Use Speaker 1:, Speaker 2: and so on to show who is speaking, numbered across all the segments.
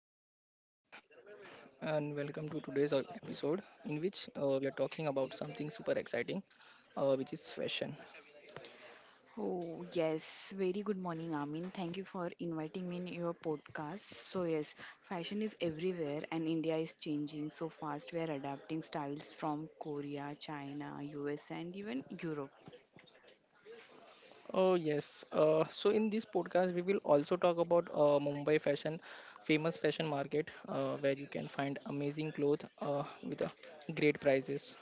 Speaker 1: Farin, good morning and welcome to today's episode in which we are talking about something super exciting, which is fashion.
Speaker 2: Oh, yes. Very good morning, Amin. Thank you for inviting me in your podcast. So, yes, fashion is everywhere and India is changing so fast. We are adapting styles from Korea, China, US, and even Europe.
Speaker 1: Oh, yes. In this podcast, we will also talk about Mumbai fashion, famous fashion market where you can find amazing clothes with great prices.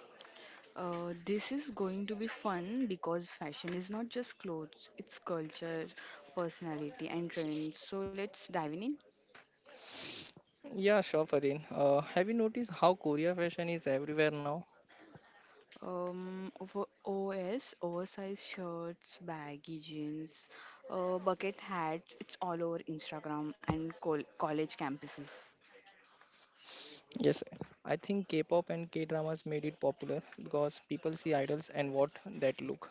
Speaker 2: This is going to be fun because fashion is not just clothes, it's culture, personality, and trends. So, let's dive in.
Speaker 1: Yeah, sure, Farin. Have you noticed how Korea fashion is everywhere now?
Speaker 2: Oversized shirts, baggy jeans, bucket hats. It's all over Instagram and college campuses.
Speaker 1: Yes, I think K pop and K dramas made it popular because people see idols and what that look.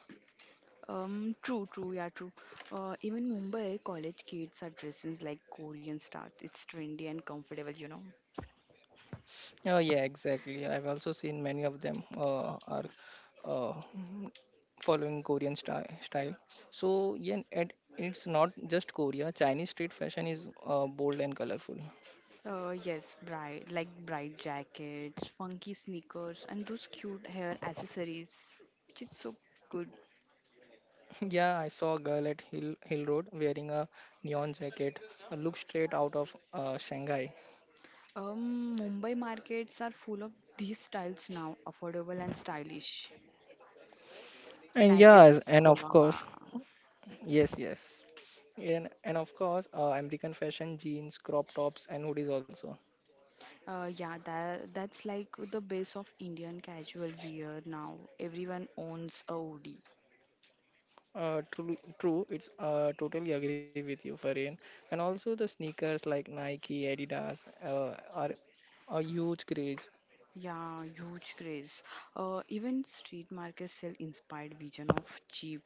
Speaker 2: True, true, yeah, true. Even Mumbai college kids are dressing like Korean stars. It's trendy and comfortable.
Speaker 1: Oh yeah, exactly. I've also seen many of them are uh, mm, following Korean style. So yeah, and it's not just Korea. Chinese street fashion is bold and colorful.
Speaker 2: Yes, bright jackets, funky sneakers, and those cute hair accessories, which is so good.
Speaker 1: Yeah, I saw a girl at Hill Road wearing a neon jacket, a look straight out of Shanghai.
Speaker 2: Mumbai markets are full of these styles now, affordable and stylish. In,
Speaker 1: And
Speaker 2: I
Speaker 1: yes,
Speaker 2: guess,
Speaker 1: and of
Speaker 2: Kolaba.
Speaker 1: course, yes, yes. And of course, American fashion, jeans, crop tops, and hoodies also.
Speaker 2: Yeah, that's like the base of Indian casual wear now. Everyone owns a hoodie.
Speaker 1: True. It's totally agree with you, Farin. And also the sneakers like Nike, Adidas are a huge craze.
Speaker 2: Yeah, huge craze. Even street markets sell inspired vision of cheap.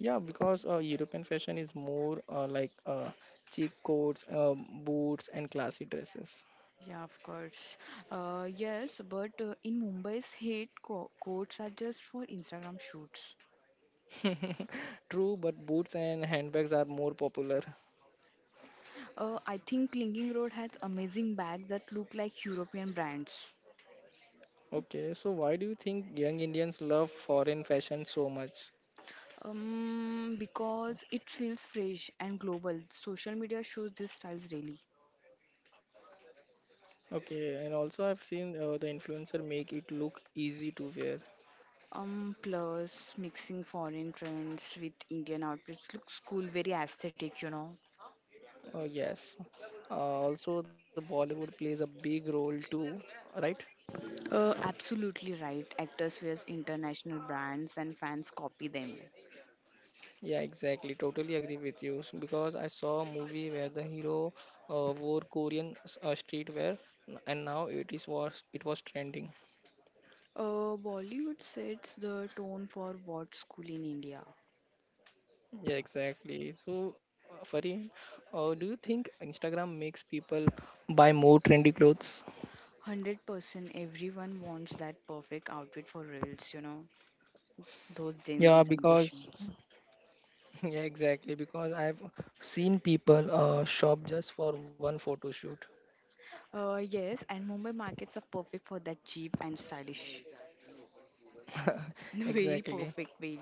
Speaker 1: Yeah, because European fashion is more cheek coats, boots, and classy dresses.
Speaker 2: Yeah, of course. Yes, but in Mumbai's hate co courts are just for Instagram shoots.
Speaker 1: True, but boots and handbags are more popular.
Speaker 2: I think Clinging Road has amazing bags that look like European brands.
Speaker 1: Okay, so why do you think young Indians love foreign fashion so much?
Speaker 2: Because it feels fresh and global. Social media shows these styles daily.
Speaker 1: Okay, and also I've seen the influencer make it look easy to wear.
Speaker 2: Plus mixing foreign trends with Indian outfits looks cool, very aesthetic.
Speaker 1: Oh, yes. Also, the Bollywood plays a big role too, right?
Speaker 2: Absolutely right. Actors wear international brands and fans copy them.
Speaker 1: Yeah, exactly. Totally agree with you. Because I saw a movie where the hero wore Korean streetwear, and now it was trending.
Speaker 2: Bollywood sets the tone for what's cool in India.
Speaker 1: Yeah, exactly. So, Farin, do you think Instagram makes people buy more trendy clothes?
Speaker 2: 100% everyone wants that perfect outfit for reels, those Gen Z
Speaker 1: Yeah, because
Speaker 2: generations.
Speaker 1: yeah, exactly. Because I've seen people shop just for one photo shoot.
Speaker 2: Yes, and Mumbai markets are perfect for that cheap and stylish. Very
Speaker 1: Exactly.
Speaker 2: perfect, very.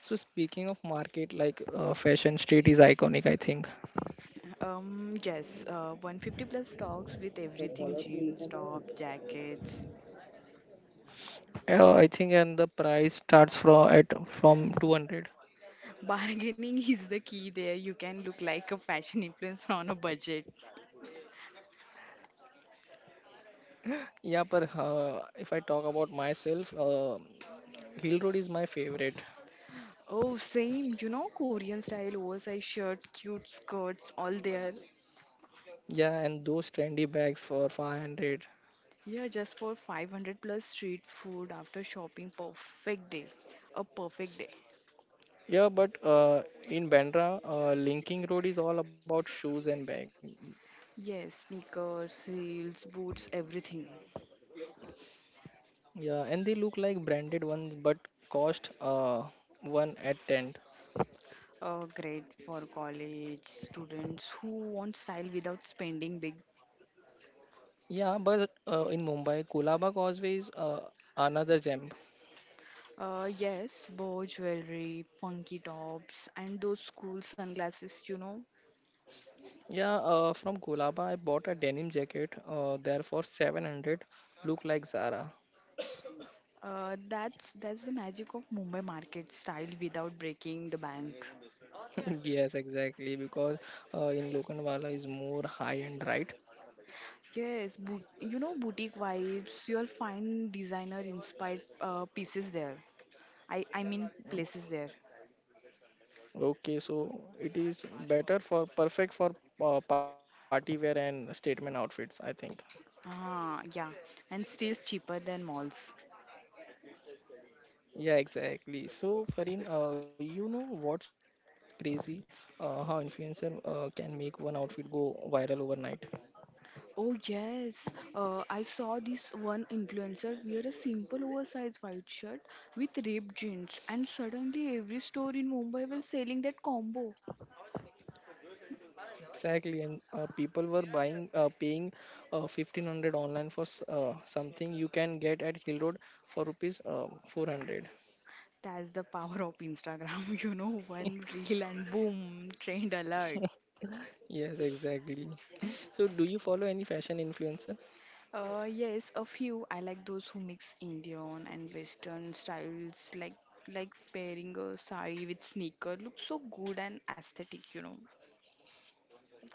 Speaker 1: So speaking of market, like Fashion Street is iconic, I think.
Speaker 2: Yes, 150 plus stocks with everything jeans, top, jackets.
Speaker 1: I think, and the price starts from 200.
Speaker 2: Bargaining is the key there. You can look like a fashion influencer on a budget.
Speaker 1: Yeah, but if I talk about myself, Hill Road is my favorite.
Speaker 2: Oh, same, Korean style oversized shirt, cute skirts, all there.
Speaker 1: Yeah, and those trendy bags for 500.
Speaker 2: Yeah, just for 500 plus street food after shopping, perfect day. A perfect day.
Speaker 1: Yeah, but in Bandra, Linking Road is all about shoes and bag.
Speaker 2: Yes, sneakers, heels, boots, everything.
Speaker 1: Yeah, and they look like branded ones, but cost one at 10.
Speaker 2: Great for college students who want style without spending big.
Speaker 1: Yeah, but in Mumbai, Kulaba Causeway is another gem.
Speaker 2: Yes, bow jewelry, funky tops, and those cool sunglasses.
Speaker 1: Yeah, from Kolaba, I bought a denim jacket there for 700. Look like Zara.
Speaker 2: That's the magic of Mumbai market style without breaking the bank.
Speaker 1: Yes, exactly. Because in Lokhandwala is more high end, right?
Speaker 2: Yes, boutique vibes. You'll find designer inspired pieces there. I mean places there.
Speaker 1: Okay, so it is better for perfect for party wear and statement outfits, I think.
Speaker 2: Ah, yeah, and still cheaper than malls.
Speaker 1: Yeah, exactly. So, Farin, you know what's crazy? How influencer can make one outfit go viral overnight.
Speaker 2: Oh yes, I saw this one influencer wear a simple oversized white shirt with ripped jeans, and suddenly every store in Mumbai was selling that combo.
Speaker 1: Exactly, and people were buying, paying 1500 online for something you can get at Hill Road for rupees 400.
Speaker 2: That's the power of Instagram, one reel and boom, trend alert.
Speaker 1: Yes, exactly. So, do you follow any fashion influencer?
Speaker 2: Yes, a few. I like those who mix Indian and Western styles, like pairing a sari with sneaker. Looks so good and aesthetic,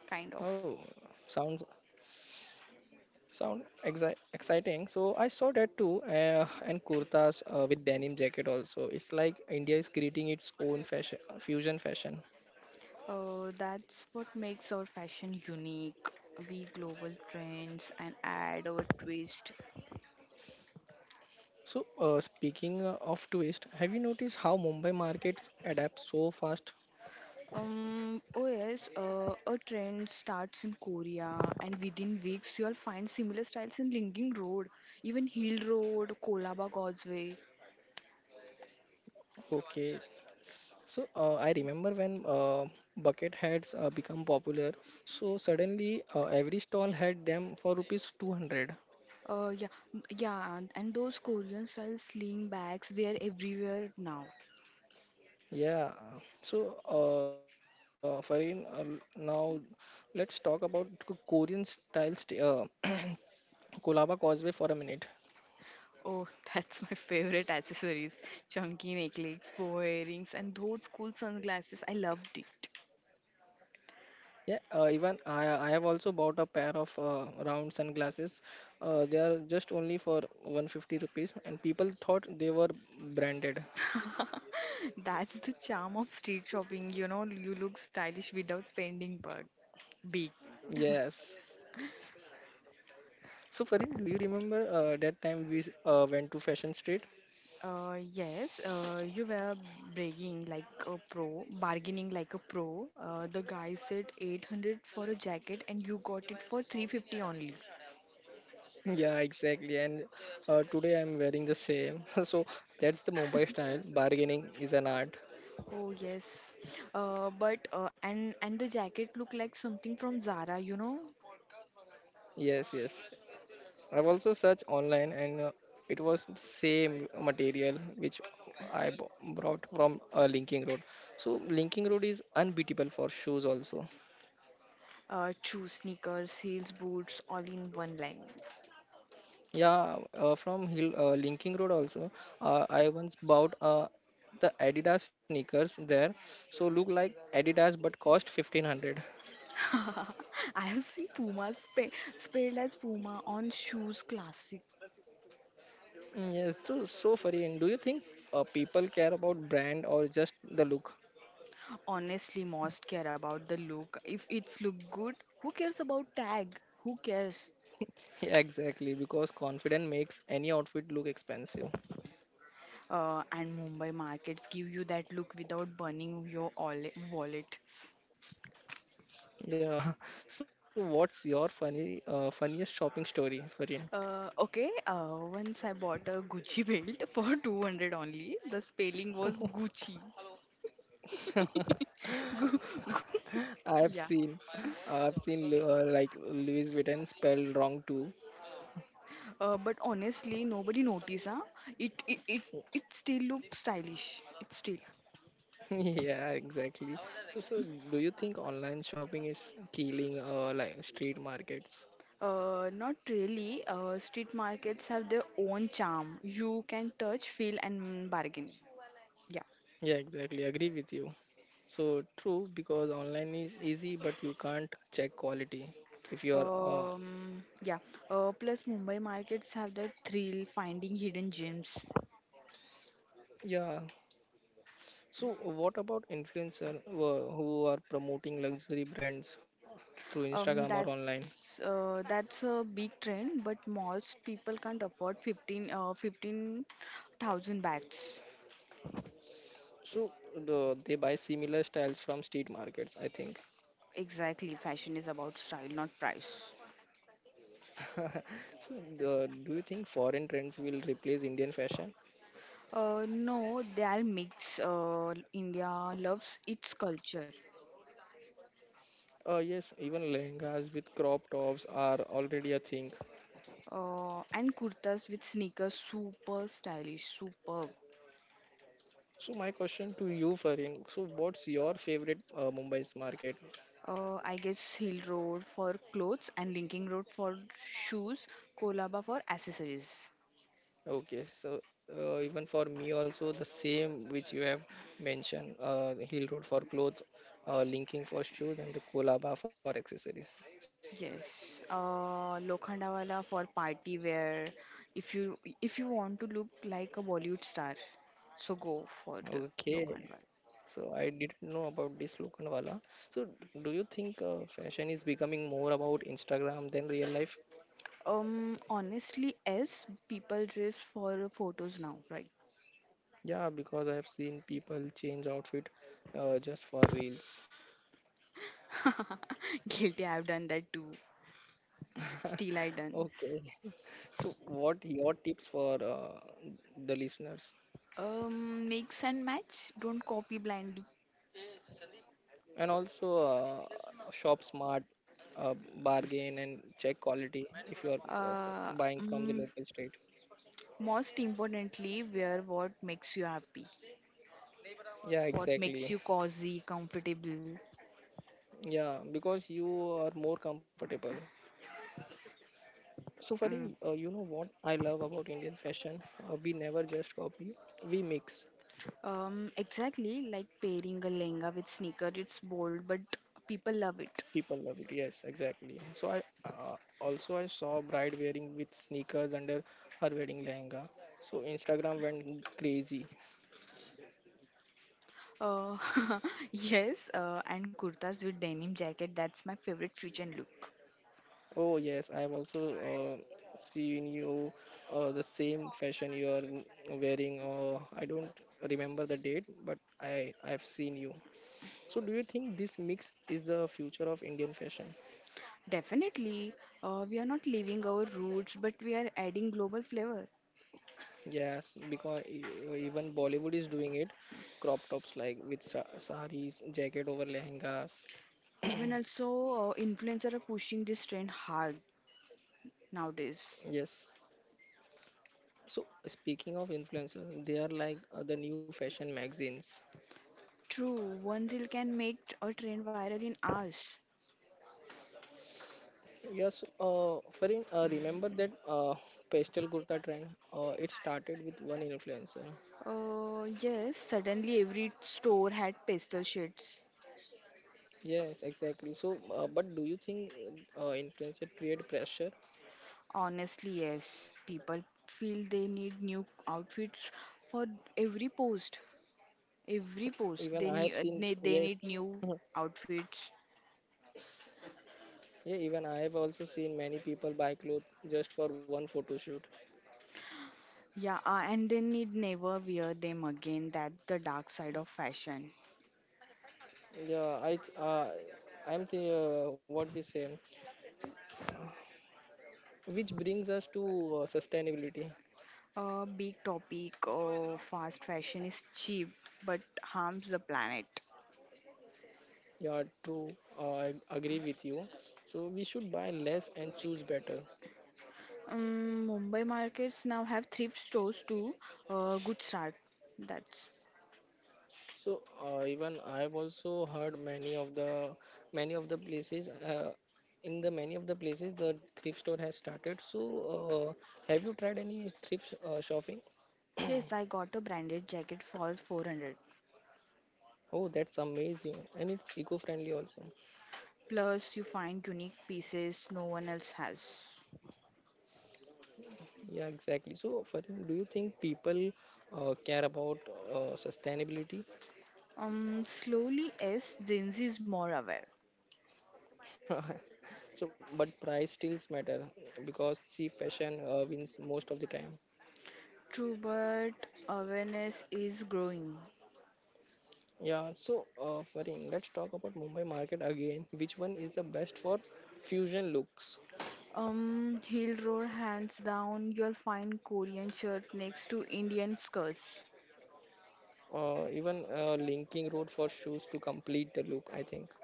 Speaker 2: kind of.
Speaker 1: Oh, sounds sound exi exciting. So, I saw that too, and kurtas with denim jacket also. It's like India is creating its own fashion fusion fashion.
Speaker 2: That's what makes our fashion unique. We global trends and add our twist.
Speaker 1: So, speaking of twist, have you noticed how Mumbai markets adapt so fast?
Speaker 2: Oh yes, a trend starts in Korea, and within weeks you'll find similar styles in Linking Road, even Hill Road, Kolaba Causeway.
Speaker 1: Okay, so I remember when bucket hats become popular. So suddenly every stall had them for rupees 200.
Speaker 2: Uh, yeah, yeah, and those Korean style sling bags, they are everywhere now.
Speaker 1: Yeah. So Farin, now let's talk about Korean style, Kolaba Causeway for a minute.
Speaker 2: Oh, that's my favorite accessories. Chunky necklaces, bow earrings, and those cool sunglasses. I loved it.
Speaker 1: Yeah, even I have also bought a pair of round sunglasses. They are just only for 150 rupees, and people thought they were branded.
Speaker 2: That's the charm of street shopping, you look stylish without spending bug big.
Speaker 1: Yes, so Farid, do you remember that time we went to Fashion Street?
Speaker 2: Yes, you were bragging like a pro, bargaining like a pro. The guy said 800 for a jacket and you got it for 350 only.
Speaker 1: Yeah, exactly. And today I'm wearing the same. So that's the Mumbai style. Bargaining is an art.
Speaker 2: Oh yes, but and the jacket looked like something from Zara,
Speaker 1: Yes, yes. I've also searched online and it was the same material which I b- brought from Linking Road. So Linking Road is unbeatable for shoes also.
Speaker 2: sneakers, heels, boots, all in one line.
Speaker 1: Yeah, from Hill Linking Road also. I once bought the Adidas sneakers there, so look like Adidas but cost 1500.
Speaker 2: I have seen Puma spelled as Puma on shoes, classic.
Speaker 1: Yes, so funny. Do you think people care about brand or just the look?
Speaker 2: Honestly, most care about the look. If it's look good, who cares about tag? Who cares?
Speaker 1: Yeah, exactly, because confidence makes any outfit look expensive.
Speaker 2: And Mumbai markets give you that look without burning your wallet.
Speaker 1: Yeah. So what's your funny funniest shopping story, Farin?
Speaker 2: Okay, once I bought a Gucci belt for 200 only. The spelling was Gucci. Gu-
Speaker 1: I've
Speaker 2: yeah,
Speaker 1: seen I've seen like Louis Vuitton spelled wrong too.
Speaker 2: but honestly, nobody noticed. Huh? It, it it it still looks stylish. It still.
Speaker 1: Yeah, exactly. So do you think online shopping is killing like street markets?
Speaker 2: Not really. Street markets have their own charm. You can touch, feel, and bargain. Yeah.
Speaker 1: Yeah, exactly. Agree with you. So true because online is easy, but you can't check quality if you are. Uh,
Speaker 2: Yeah. Plus, Mumbai markets have that thrill finding hidden gems.
Speaker 1: yeah. So, what about influencer who are promoting luxury brands through Instagram
Speaker 2: Um,
Speaker 1: or online?
Speaker 2: that's uh, that's a big trend, but most people can't afford 15 15,000 bags.
Speaker 1: So they buy similar styles from street markets, I think.
Speaker 2: Exactly, fashion is about style, not price.
Speaker 1: So, do you think foreign trends will replace Indian fashion?
Speaker 2: No, they are mix. India loves its culture.
Speaker 1: Yes, even lehengas with crop tops are already a thing.
Speaker 2: And kurtas with sneakers, super stylish, superb.
Speaker 1: So my question to you, Farin, so what's your favorite Mumbai's market?
Speaker 2: I guess Hill Road for clothes and Linking Road for shoes, Kolaba for accessories.
Speaker 1: Okay, so even for me also the same which you have mentioned, Hill Road for clothes, Linking for shoes, and the Kolaba for accessories.
Speaker 2: Yes, Lokhandawala for party wear. If you want to look like a Bollywood star, so go for the
Speaker 1: Okay,
Speaker 2: Lokhandwala.
Speaker 1: so I didn't know about this Lokhandwala. So do you think fashion is becoming more about Instagram than real life?
Speaker 2: Honestly, as people dress for photos now, right?
Speaker 1: Yeah, because I have seen people change outfit just for reels.
Speaker 2: Guilty, I've done that too. Still, I done.
Speaker 1: Okay. So, what your tips for the listeners?
Speaker 2: Mix and match. Don't copy blindly.
Speaker 1: And also, shop smart, bargain, and check quality if you are
Speaker 2: Uh,
Speaker 1: buying from the local
Speaker 2: mm,
Speaker 1: state.
Speaker 2: Most importantly, wear what makes you happy.
Speaker 1: Yeah,
Speaker 2: What
Speaker 1: exactly.
Speaker 2: makes you cozy, comfortable.
Speaker 1: Yeah, because you are more comfortable. So, Farin,
Speaker 2: Mm.
Speaker 1: you know what I love about Indian fashion? We never just copy, we mix.
Speaker 2: Exactly like pairing a lehenga with sneaker. It's bold, but people love it.
Speaker 1: People love it. Yes, exactly. So I also I saw bride wearing with sneakers under her wedding lehenga. So Instagram went crazy.
Speaker 2: Uh, yes, and kurtas with denim jacket. That's my favorite fusion look.
Speaker 1: Oh yes, I have also uh, seen you the same fashion you are wearing. I don't remember the date, but I've seen you. So do you think this mix is the future of Indian fashion?
Speaker 2: Definitely, we are not leaving our roots, but we are adding global flavor.
Speaker 1: Yes, because even Bollywood is doing it. Crop tops like with saris, jacket over lehengas.
Speaker 2: Even also, influencers are pushing this trend hard nowadays.
Speaker 1: Yes. So speaking of influencer, they are like the new fashion magazines.
Speaker 2: True, one reel can make a trend viral in hours.
Speaker 1: Yes, Farin, remember that pastel kurta trend? It started with one influencer.
Speaker 2: Yes, suddenly every store had pastel shades.
Speaker 1: Yes, exactly. So, but do you think influencer create pressure?
Speaker 2: Honestly, yes. People feel they need new outfits for every post. Every post,
Speaker 1: Even
Speaker 2: they
Speaker 1: I have
Speaker 2: need
Speaker 1: seen,
Speaker 2: they, they need
Speaker 1: yes,
Speaker 2: new outfits.
Speaker 1: yeah, even I have also seen many people buy clothes just for one photo shoot.
Speaker 2: Yeah, and they need never wear them again. That's the dark side of fashion.
Speaker 1: Yeah, I, th- I'm the what we say, Which brings us to sustainability.
Speaker 2: A big topic of fast fashion is cheap but harms the planet.
Speaker 1: Yeah, true. I agree with you. So we should buy less and choose better.
Speaker 2: Mumbai markets now have thrift stores too. Good start. That's
Speaker 1: So even I've also heard many of the places the thrift store has started. So uh, have you tried any thrift shopping?
Speaker 2: yes. I got a branded jacket for 400.
Speaker 1: Oh, that's amazing, and it's eco-friendly also.
Speaker 2: Plus, you find unique pieces no one else has.
Speaker 1: Yeah, exactly. So, Farin, do you think people care about sustainability?
Speaker 2: Slowly, yes, Gen Z is more aware.
Speaker 1: So but price still matter because cheap fashion wins most of the time.
Speaker 2: True, but awareness is growing.
Speaker 1: Yeah, so Farin, let's talk about Mumbai market again. Which one is the best for fusion looks?
Speaker 2: Heel roll hands down. You'll find Korean shirt next to Indian skirts.
Speaker 1: Even linking road for shoes to complete the look, I think.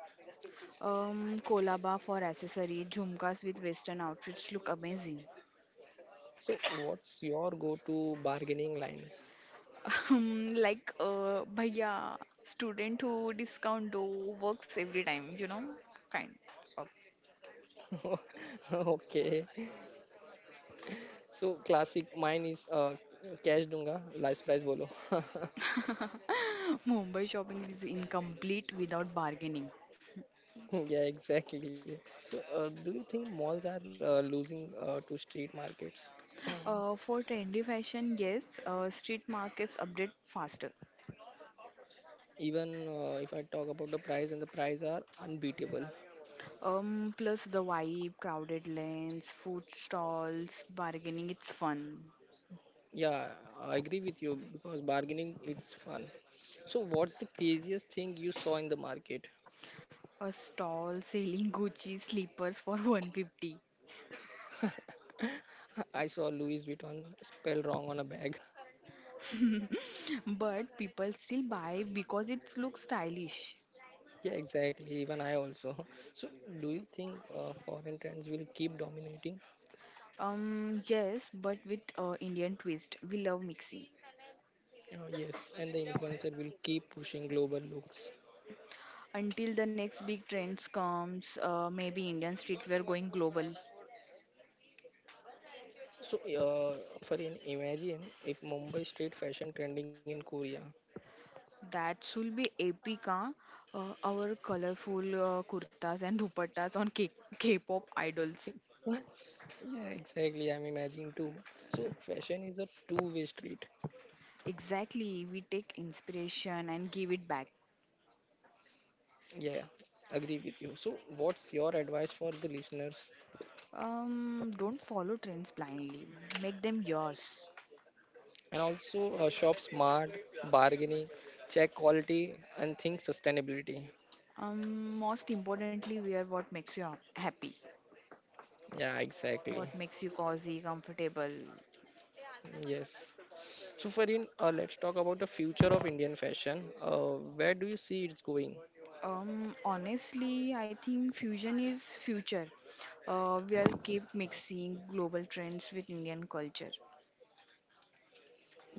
Speaker 2: Kolaba for accessory. Jhumkas with Western outfits look amazing.
Speaker 1: So what's your go-to bargaining line?
Speaker 2: Like, bhaiya, student who discount do works every time. You know, kind of.
Speaker 1: Okay, so classic mine is cash dunga last price bolo.
Speaker 2: Mumbai shopping is incomplete without bargaining.
Speaker 1: Yeah, exactly. So, do you think malls are losing to street markets?
Speaker 2: For trendy fashion, yes, street markets update faster.
Speaker 1: Even if I talk about the price, and the price are unbeatable.
Speaker 2: Plus the vibe, crowded lanes, food stalls, bargaining, it's fun.
Speaker 1: Yeah, I agree with you because bargaining it's fun. So, what's the craziest thing you saw in the market?
Speaker 2: A stall selling Gucci slippers for 150,
Speaker 1: I saw Louis Vuitton spell wrong on a bag.
Speaker 2: but people still buy because it looks stylish.
Speaker 1: Yeah, exactly. Even I also. So, do you think foreign trends will keep dominating?
Speaker 2: Yes, but with Indian twist, we love mixing.
Speaker 1: Yes, and the influencer will keep pushing global looks.
Speaker 2: Until the next big trends comes, maybe Indian streetwear going global.
Speaker 1: So, Farin, imagine if Mumbai street fashion trending in Korea.
Speaker 2: That should be epic, huh? Our colorful kurtas and dupattas on K-pop idols.
Speaker 1: What? Yeah, exactly. I'm imagining too. So, fashion is a two-way street.
Speaker 2: Exactly, we take inspiration and give it back.
Speaker 1: Yeah, agree with you. So, what's your advice for the listeners?
Speaker 2: Don't follow trends blindly. Make them yours.
Speaker 1: And also, shop smart, bargaining, check quality, and think sustainability.
Speaker 2: Most importantly, wear what makes you happy,
Speaker 1: Yeah, exactly.
Speaker 2: what makes you cozy, comfortable.
Speaker 1: Yes. So, Farin, let's talk about the future of Indian fashion. Where do you see it's going?
Speaker 2: Honestly, I think fusion is future. We'll keep mixing global trends with Indian culture.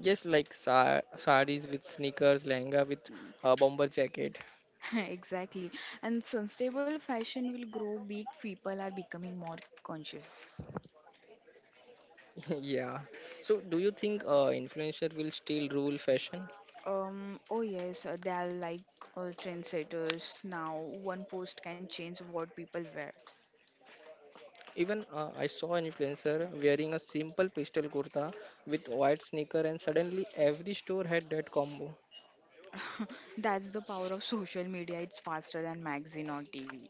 Speaker 1: Yes, like sarees with sneakers, lehenga with bomber jacket.
Speaker 2: Exactly. And sustainable fashion will grow big. People are becoming more conscious.
Speaker 1: Yeah. So, do you think influencer will still rule fashion?
Speaker 2: Oh yes, they are like trendsetters now. One post can change what people wear.
Speaker 1: Even I saw an influencer wearing a simple pastel kurta with white sneaker, and suddenly every store had that combo.
Speaker 2: That's the power of social media. It's faster than magazine or TV.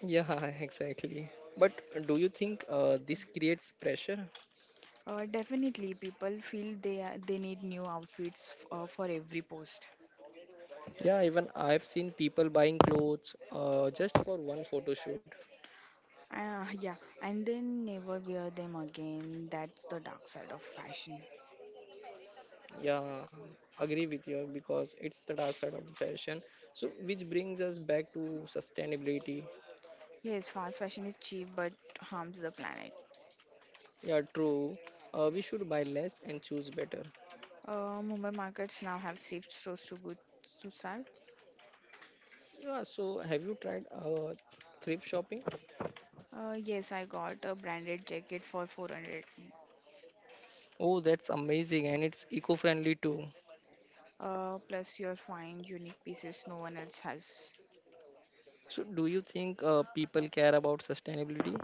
Speaker 1: Yeah, exactly. But do you think this creates pressure?
Speaker 2: Definitely, people feel they need new outfits for every post.
Speaker 1: Yeah, even I've seen people buying clothes just for one photo shoot.
Speaker 2: Yeah, and then never wear them again. That's the dark side of fashion.
Speaker 1: Yeah, agree with you because it's the dark side of the fashion. So, which brings us back to sustainability.
Speaker 2: Yes, fast fashion is cheap but harms the planet.
Speaker 1: Yeah, true. We should buy less and choose better.
Speaker 2: Mumbai markets now have thrift stores to go to sell.
Speaker 1: Yeah, so have you tried thrift shopping?
Speaker 2: Yes, I got a branded jacket for 400.
Speaker 1: Oh, that's amazing and it's eco-friendly too.
Speaker 2: Plus you'll find unique pieces no one else has.
Speaker 1: So, do you think people care about sustainability?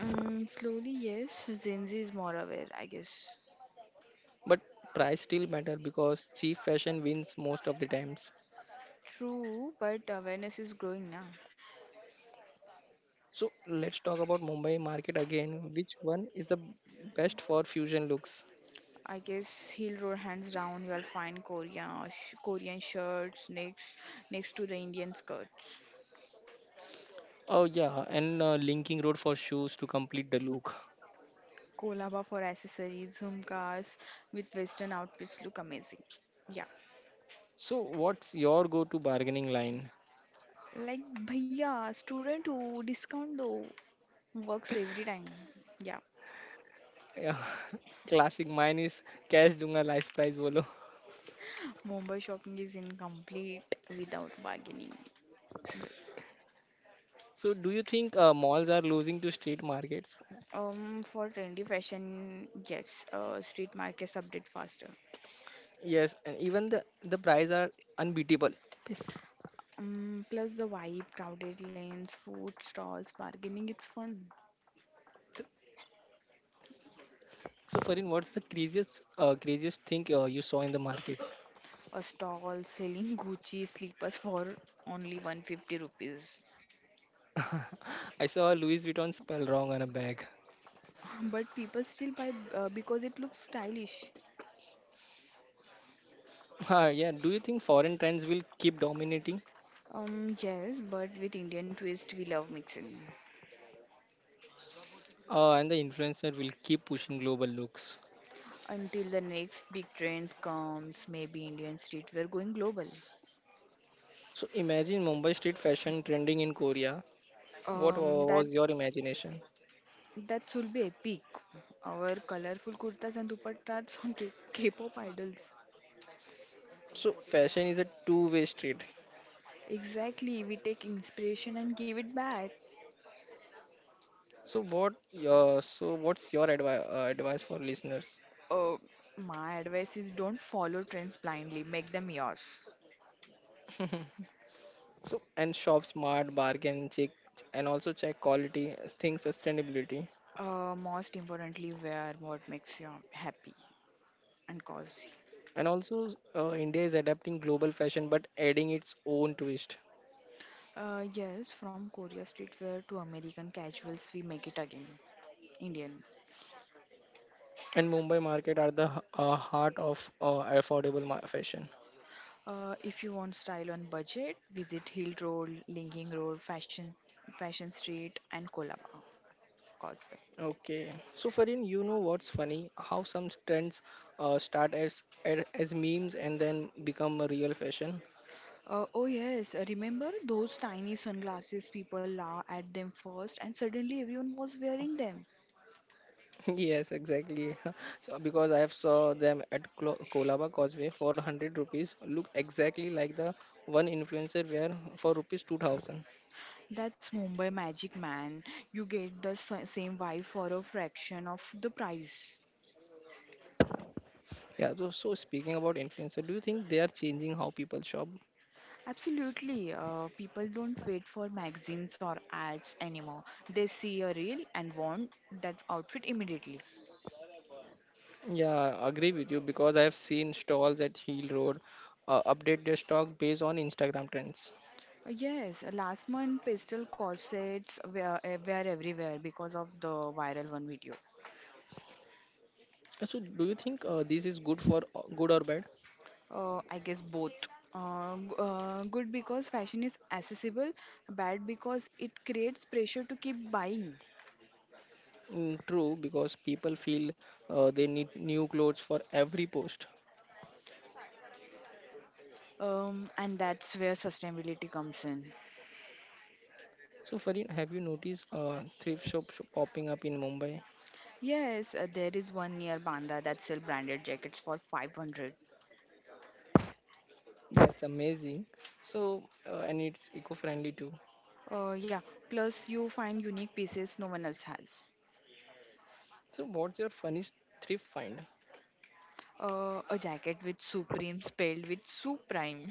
Speaker 2: Slowly, yes, Gen Z is more aware, I guess.
Speaker 1: But price still matter because cheap fashion wins most of the times.
Speaker 2: True, but awareness is growing now.
Speaker 1: So, let's talk about Mumbai market again. Which one is the best for fusion looks?
Speaker 2: I guess he'll roar hands down. We'll find Korean Korean shirts next to the Indian skirts.
Speaker 1: Oh yeah, and linking road for shoes to complete the look.
Speaker 2: Kolaba for accessories, jhumkas with western outfits look amazing. Yeah,
Speaker 1: So what's your go-to bargaining line?
Speaker 2: like bhaiya, student who discount though works every time. Yeah,
Speaker 1: Yeah, classic mine is cash dunga last price bolo.
Speaker 2: Mumbai shopping is incomplete without bargaining.
Speaker 1: So do you think malls are losing to street markets?
Speaker 2: For trendy fashion, yes, street markets update faster.
Speaker 1: Yes, and even the price are unbeatable. Yes.
Speaker 2: Plus the vibe, crowded lanes, food stalls, bargaining, it's fun.
Speaker 1: So Farin, what's the craziest thing you saw in the market?
Speaker 2: A stall selling Gucci slippers for only 150 rupees.
Speaker 1: I saw a Louis Vuitton spell wrong on a bag.
Speaker 2: But people still buy because it looks stylish.
Speaker 1: Yeah, do you think foreign trends will keep dominating?
Speaker 2: Yes, but with Indian twist, we love mixing.
Speaker 1: And the influencer will keep pushing global looks.
Speaker 2: Until the next big trend comes, maybe Indian streetwear going global.
Speaker 1: So imagine Mumbai street fashion trending in Korea.
Speaker 2: Um, that
Speaker 1: Was your imagination?
Speaker 2: that will be epic. Our colorful kurtas and dupattas on K-pop idols.
Speaker 1: So fashion is a two-way street.
Speaker 2: Exactly, we take inspiration and give it back.
Speaker 1: So what your so what's your advi- advice for listeners?
Speaker 2: Uh, my advice is don't follow trends blindly, make them yours.
Speaker 1: So and shop smart, bargain, check and also check quality, think sustainability.
Speaker 2: Most importantly, wear what makes you happy and cozy.
Speaker 1: And also India is adapting global fashion but adding its own twist.
Speaker 2: Yes, from Korea streetwear to American casuals, we make it again Indian.
Speaker 1: And Mumbai market are the heart of fashion.
Speaker 2: If you want style on budget, visit Hill Road, Linging Road, Fashion Street, and Kolaba Causeway.
Speaker 1: Okay, so Farin, you know what's funny? How some trends as memes and then become a real fashion.
Speaker 2: Oh yes, remember those tiny sunglasses people laugh at them first and suddenly everyone was wearing them.
Speaker 1: Yes, exactly. So because I have saw them at Kolaba Causeway for 100 rupees, look exactly like the one influencer wear for rupees 2000.
Speaker 2: That's Mumbai magic man. You get the same vibe for a fraction of the price.
Speaker 1: Yeah. So speaking about influencer, do you think they are changing how people shop?
Speaker 2: Absolutely, people don't wait for magazines or ads anymore. They see a reel and want that outfit immediately.
Speaker 1: Yeah, agree with you because I have seen stalls at Heel Road update their stock based on Instagram trends.
Speaker 2: Yes, last month pastel corsets were everywhere because of the viral one video.
Speaker 1: So, do you think this is good for good or bad?
Speaker 2: I guess both. Good because fashion is accessible, bad because it creates pressure to keep buying.
Speaker 1: Mm, true, because people feel they need new clothes for every post.
Speaker 2: And that's where sustainability comes in.
Speaker 1: So, Farin, have you noticed thrift shops popping up in Mumbai?
Speaker 2: Yes, there is one near Banda that sells branded jackets for 500.
Speaker 1: That's amazing. So, and it's eco-friendly too.
Speaker 2: Yeah, plus you find unique pieces no one else has.
Speaker 1: So, what's your funniest thrift find?
Speaker 2: A jacket with Supreme spelled with Suprime.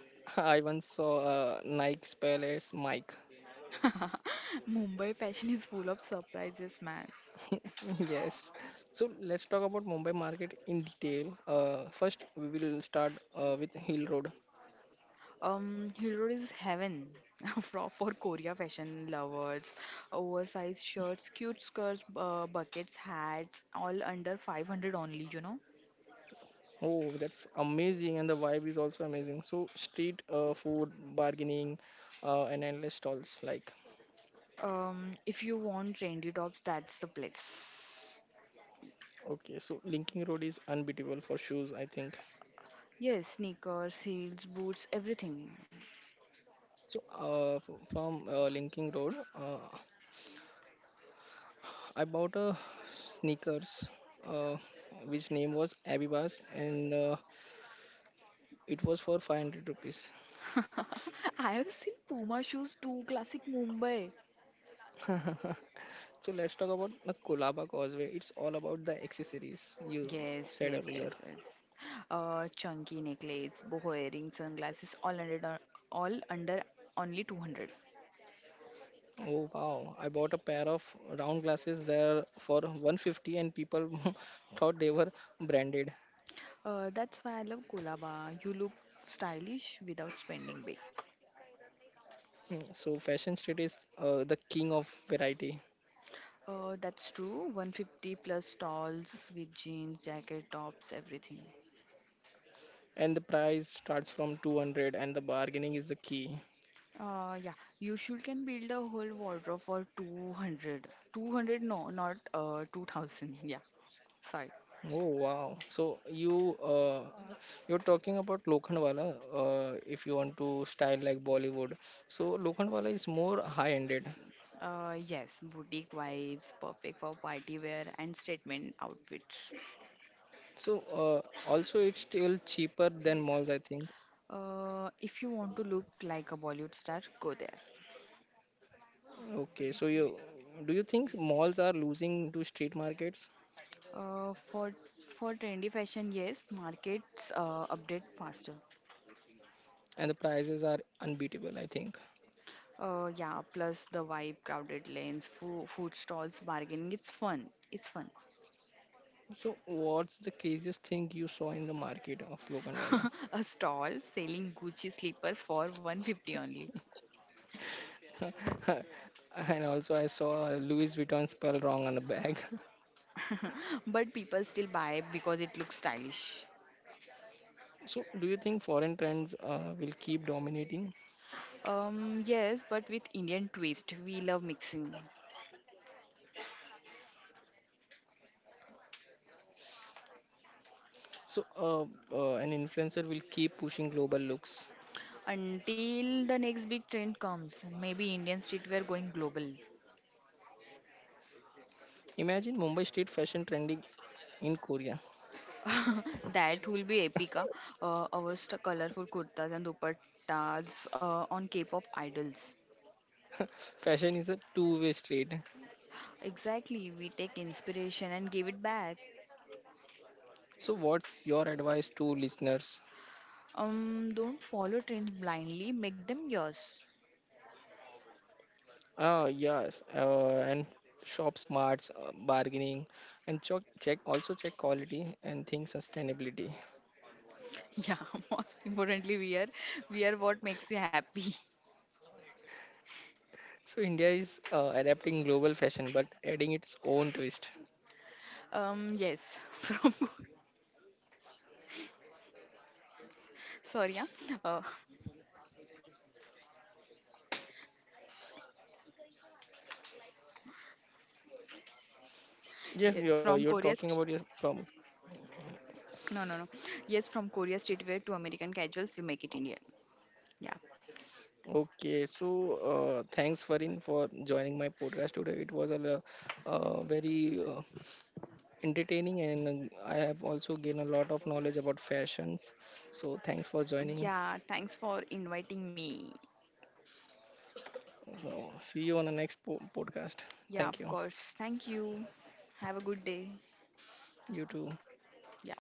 Speaker 1: I once saw Nike's Palace Mike.
Speaker 2: Mumbai fashion is full of surprises, man.
Speaker 1: Yes. So let's talk about Mumbai market in detail. First, we will start with Hill Road.
Speaker 2: Hill Road is heaven for Korea fashion lovers. Oversized shirts, cute skirts, buckets, hats, all under 500 only.
Speaker 1: Oh, that's amazing, and the vibe is also amazing. So, street food, bargaining, and endless stalls. Like,
Speaker 2: If you want trendy tops, that's the place.
Speaker 1: okay, so Linking Road is unbeatable for shoes, I think.
Speaker 2: Yes, sneakers, heels, boots, everything.
Speaker 1: So, from Linking Road, I bought a sneakers, uh, which name was Abibas, and it was for 500 rupees.
Speaker 2: I have seen Puma shoes too, classic Mumbai.
Speaker 1: So, let's talk about the Kolaba Causeway. It's all about the accessories you
Speaker 2: Yes,
Speaker 1: said
Speaker 2: yes,
Speaker 1: earlier.
Speaker 2: yes, yes. Chunky necklaces, boho earrings, sunglasses, all under only 200.
Speaker 1: Oh wow, I bought a pair of round glasses there for 150 and people thought they were branded.
Speaker 2: That's why I love Colaba. You look stylish without spending big.
Speaker 1: Mm, so Fashion Street is the king of variety
Speaker 2: That's true. 150 plus stalls with jeans, jacket, tops, everything.
Speaker 1: and the price starts from 200 and the bargaining is the key.
Speaker 2: Yeah, you should can build a whole wardrobe for 200. 200, no, not 2000. Yeah, sorry.
Speaker 1: Oh wow. So you you're talking about Lokhandwala if you want to style like Bollywood. So Lokhandwala is more high-ended.
Speaker 2: Yes, boutique vibes, perfect for party wear and statement outfits.
Speaker 1: So also it's still cheaper than malls I think.
Speaker 2: If you want to look like a Bollywood star, go there.
Speaker 1: Okay, so you do you think malls are losing to street markets
Speaker 2: Uh, for for trendy fashion, yes, markets update faster.
Speaker 1: and the prices are unbeatable, I think.
Speaker 2: Yeah, plus the vibe, crowded lanes, food stalls, bargaining. It's fun. It's fun.
Speaker 1: So what's the craziest thing you saw in the market of Lokhandwala?
Speaker 2: A stall selling Gucci slippers for 150 only,
Speaker 1: And also I saw Louis Vuitton spell wrong on the bag.
Speaker 2: but people still buy because it looks stylish.
Speaker 1: So do you think foreign trends will keep dominating?
Speaker 2: Yes, but with Indian twist, we love mixing.
Speaker 1: So uh, an influencer will keep pushing global looks.
Speaker 2: Until the next big trend comes, maybe Indian streetwear going global.
Speaker 1: Imagine Mumbai street fashion trending in Korea.
Speaker 2: That will be epic. Ah. Our colorful kurtas and dupattas on K-pop idols.
Speaker 1: Fashion is a two-way street.
Speaker 2: Exactly, we take inspiration and give it back.
Speaker 1: So, what's your advice to listeners?
Speaker 2: Don't follow trends blindly. Make them yours.
Speaker 1: Yes, and shop smarts, bargaining, and check, also check quality and think sustainability.
Speaker 2: Yeah, most importantly, we are what makes you happy.
Speaker 1: So, India is adapting global fashion but adding its own twist.
Speaker 2: Yes, sorry, yeah. Uh,
Speaker 1: Yes,
Speaker 2: yes,
Speaker 1: you're
Speaker 2: from Korea.
Speaker 1: talking about your from.
Speaker 2: No, no, no. Yes, from Korea streetwear to American casuals, we make it Indian. Yeah.
Speaker 1: Okay, so thanks Farin for joining my podcast today. It was a, lo- very entertaining, and I have also gained a lot of knowledge about fashions. So thanks for joining.
Speaker 2: Yeah, thanks for inviting me.
Speaker 1: So, see you on the next podcast.
Speaker 2: Yeah, of
Speaker 1: Thank you.
Speaker 2: course. Thank you. Have a good day.
Speaker 1: You too.
Speaker 2: Yeah.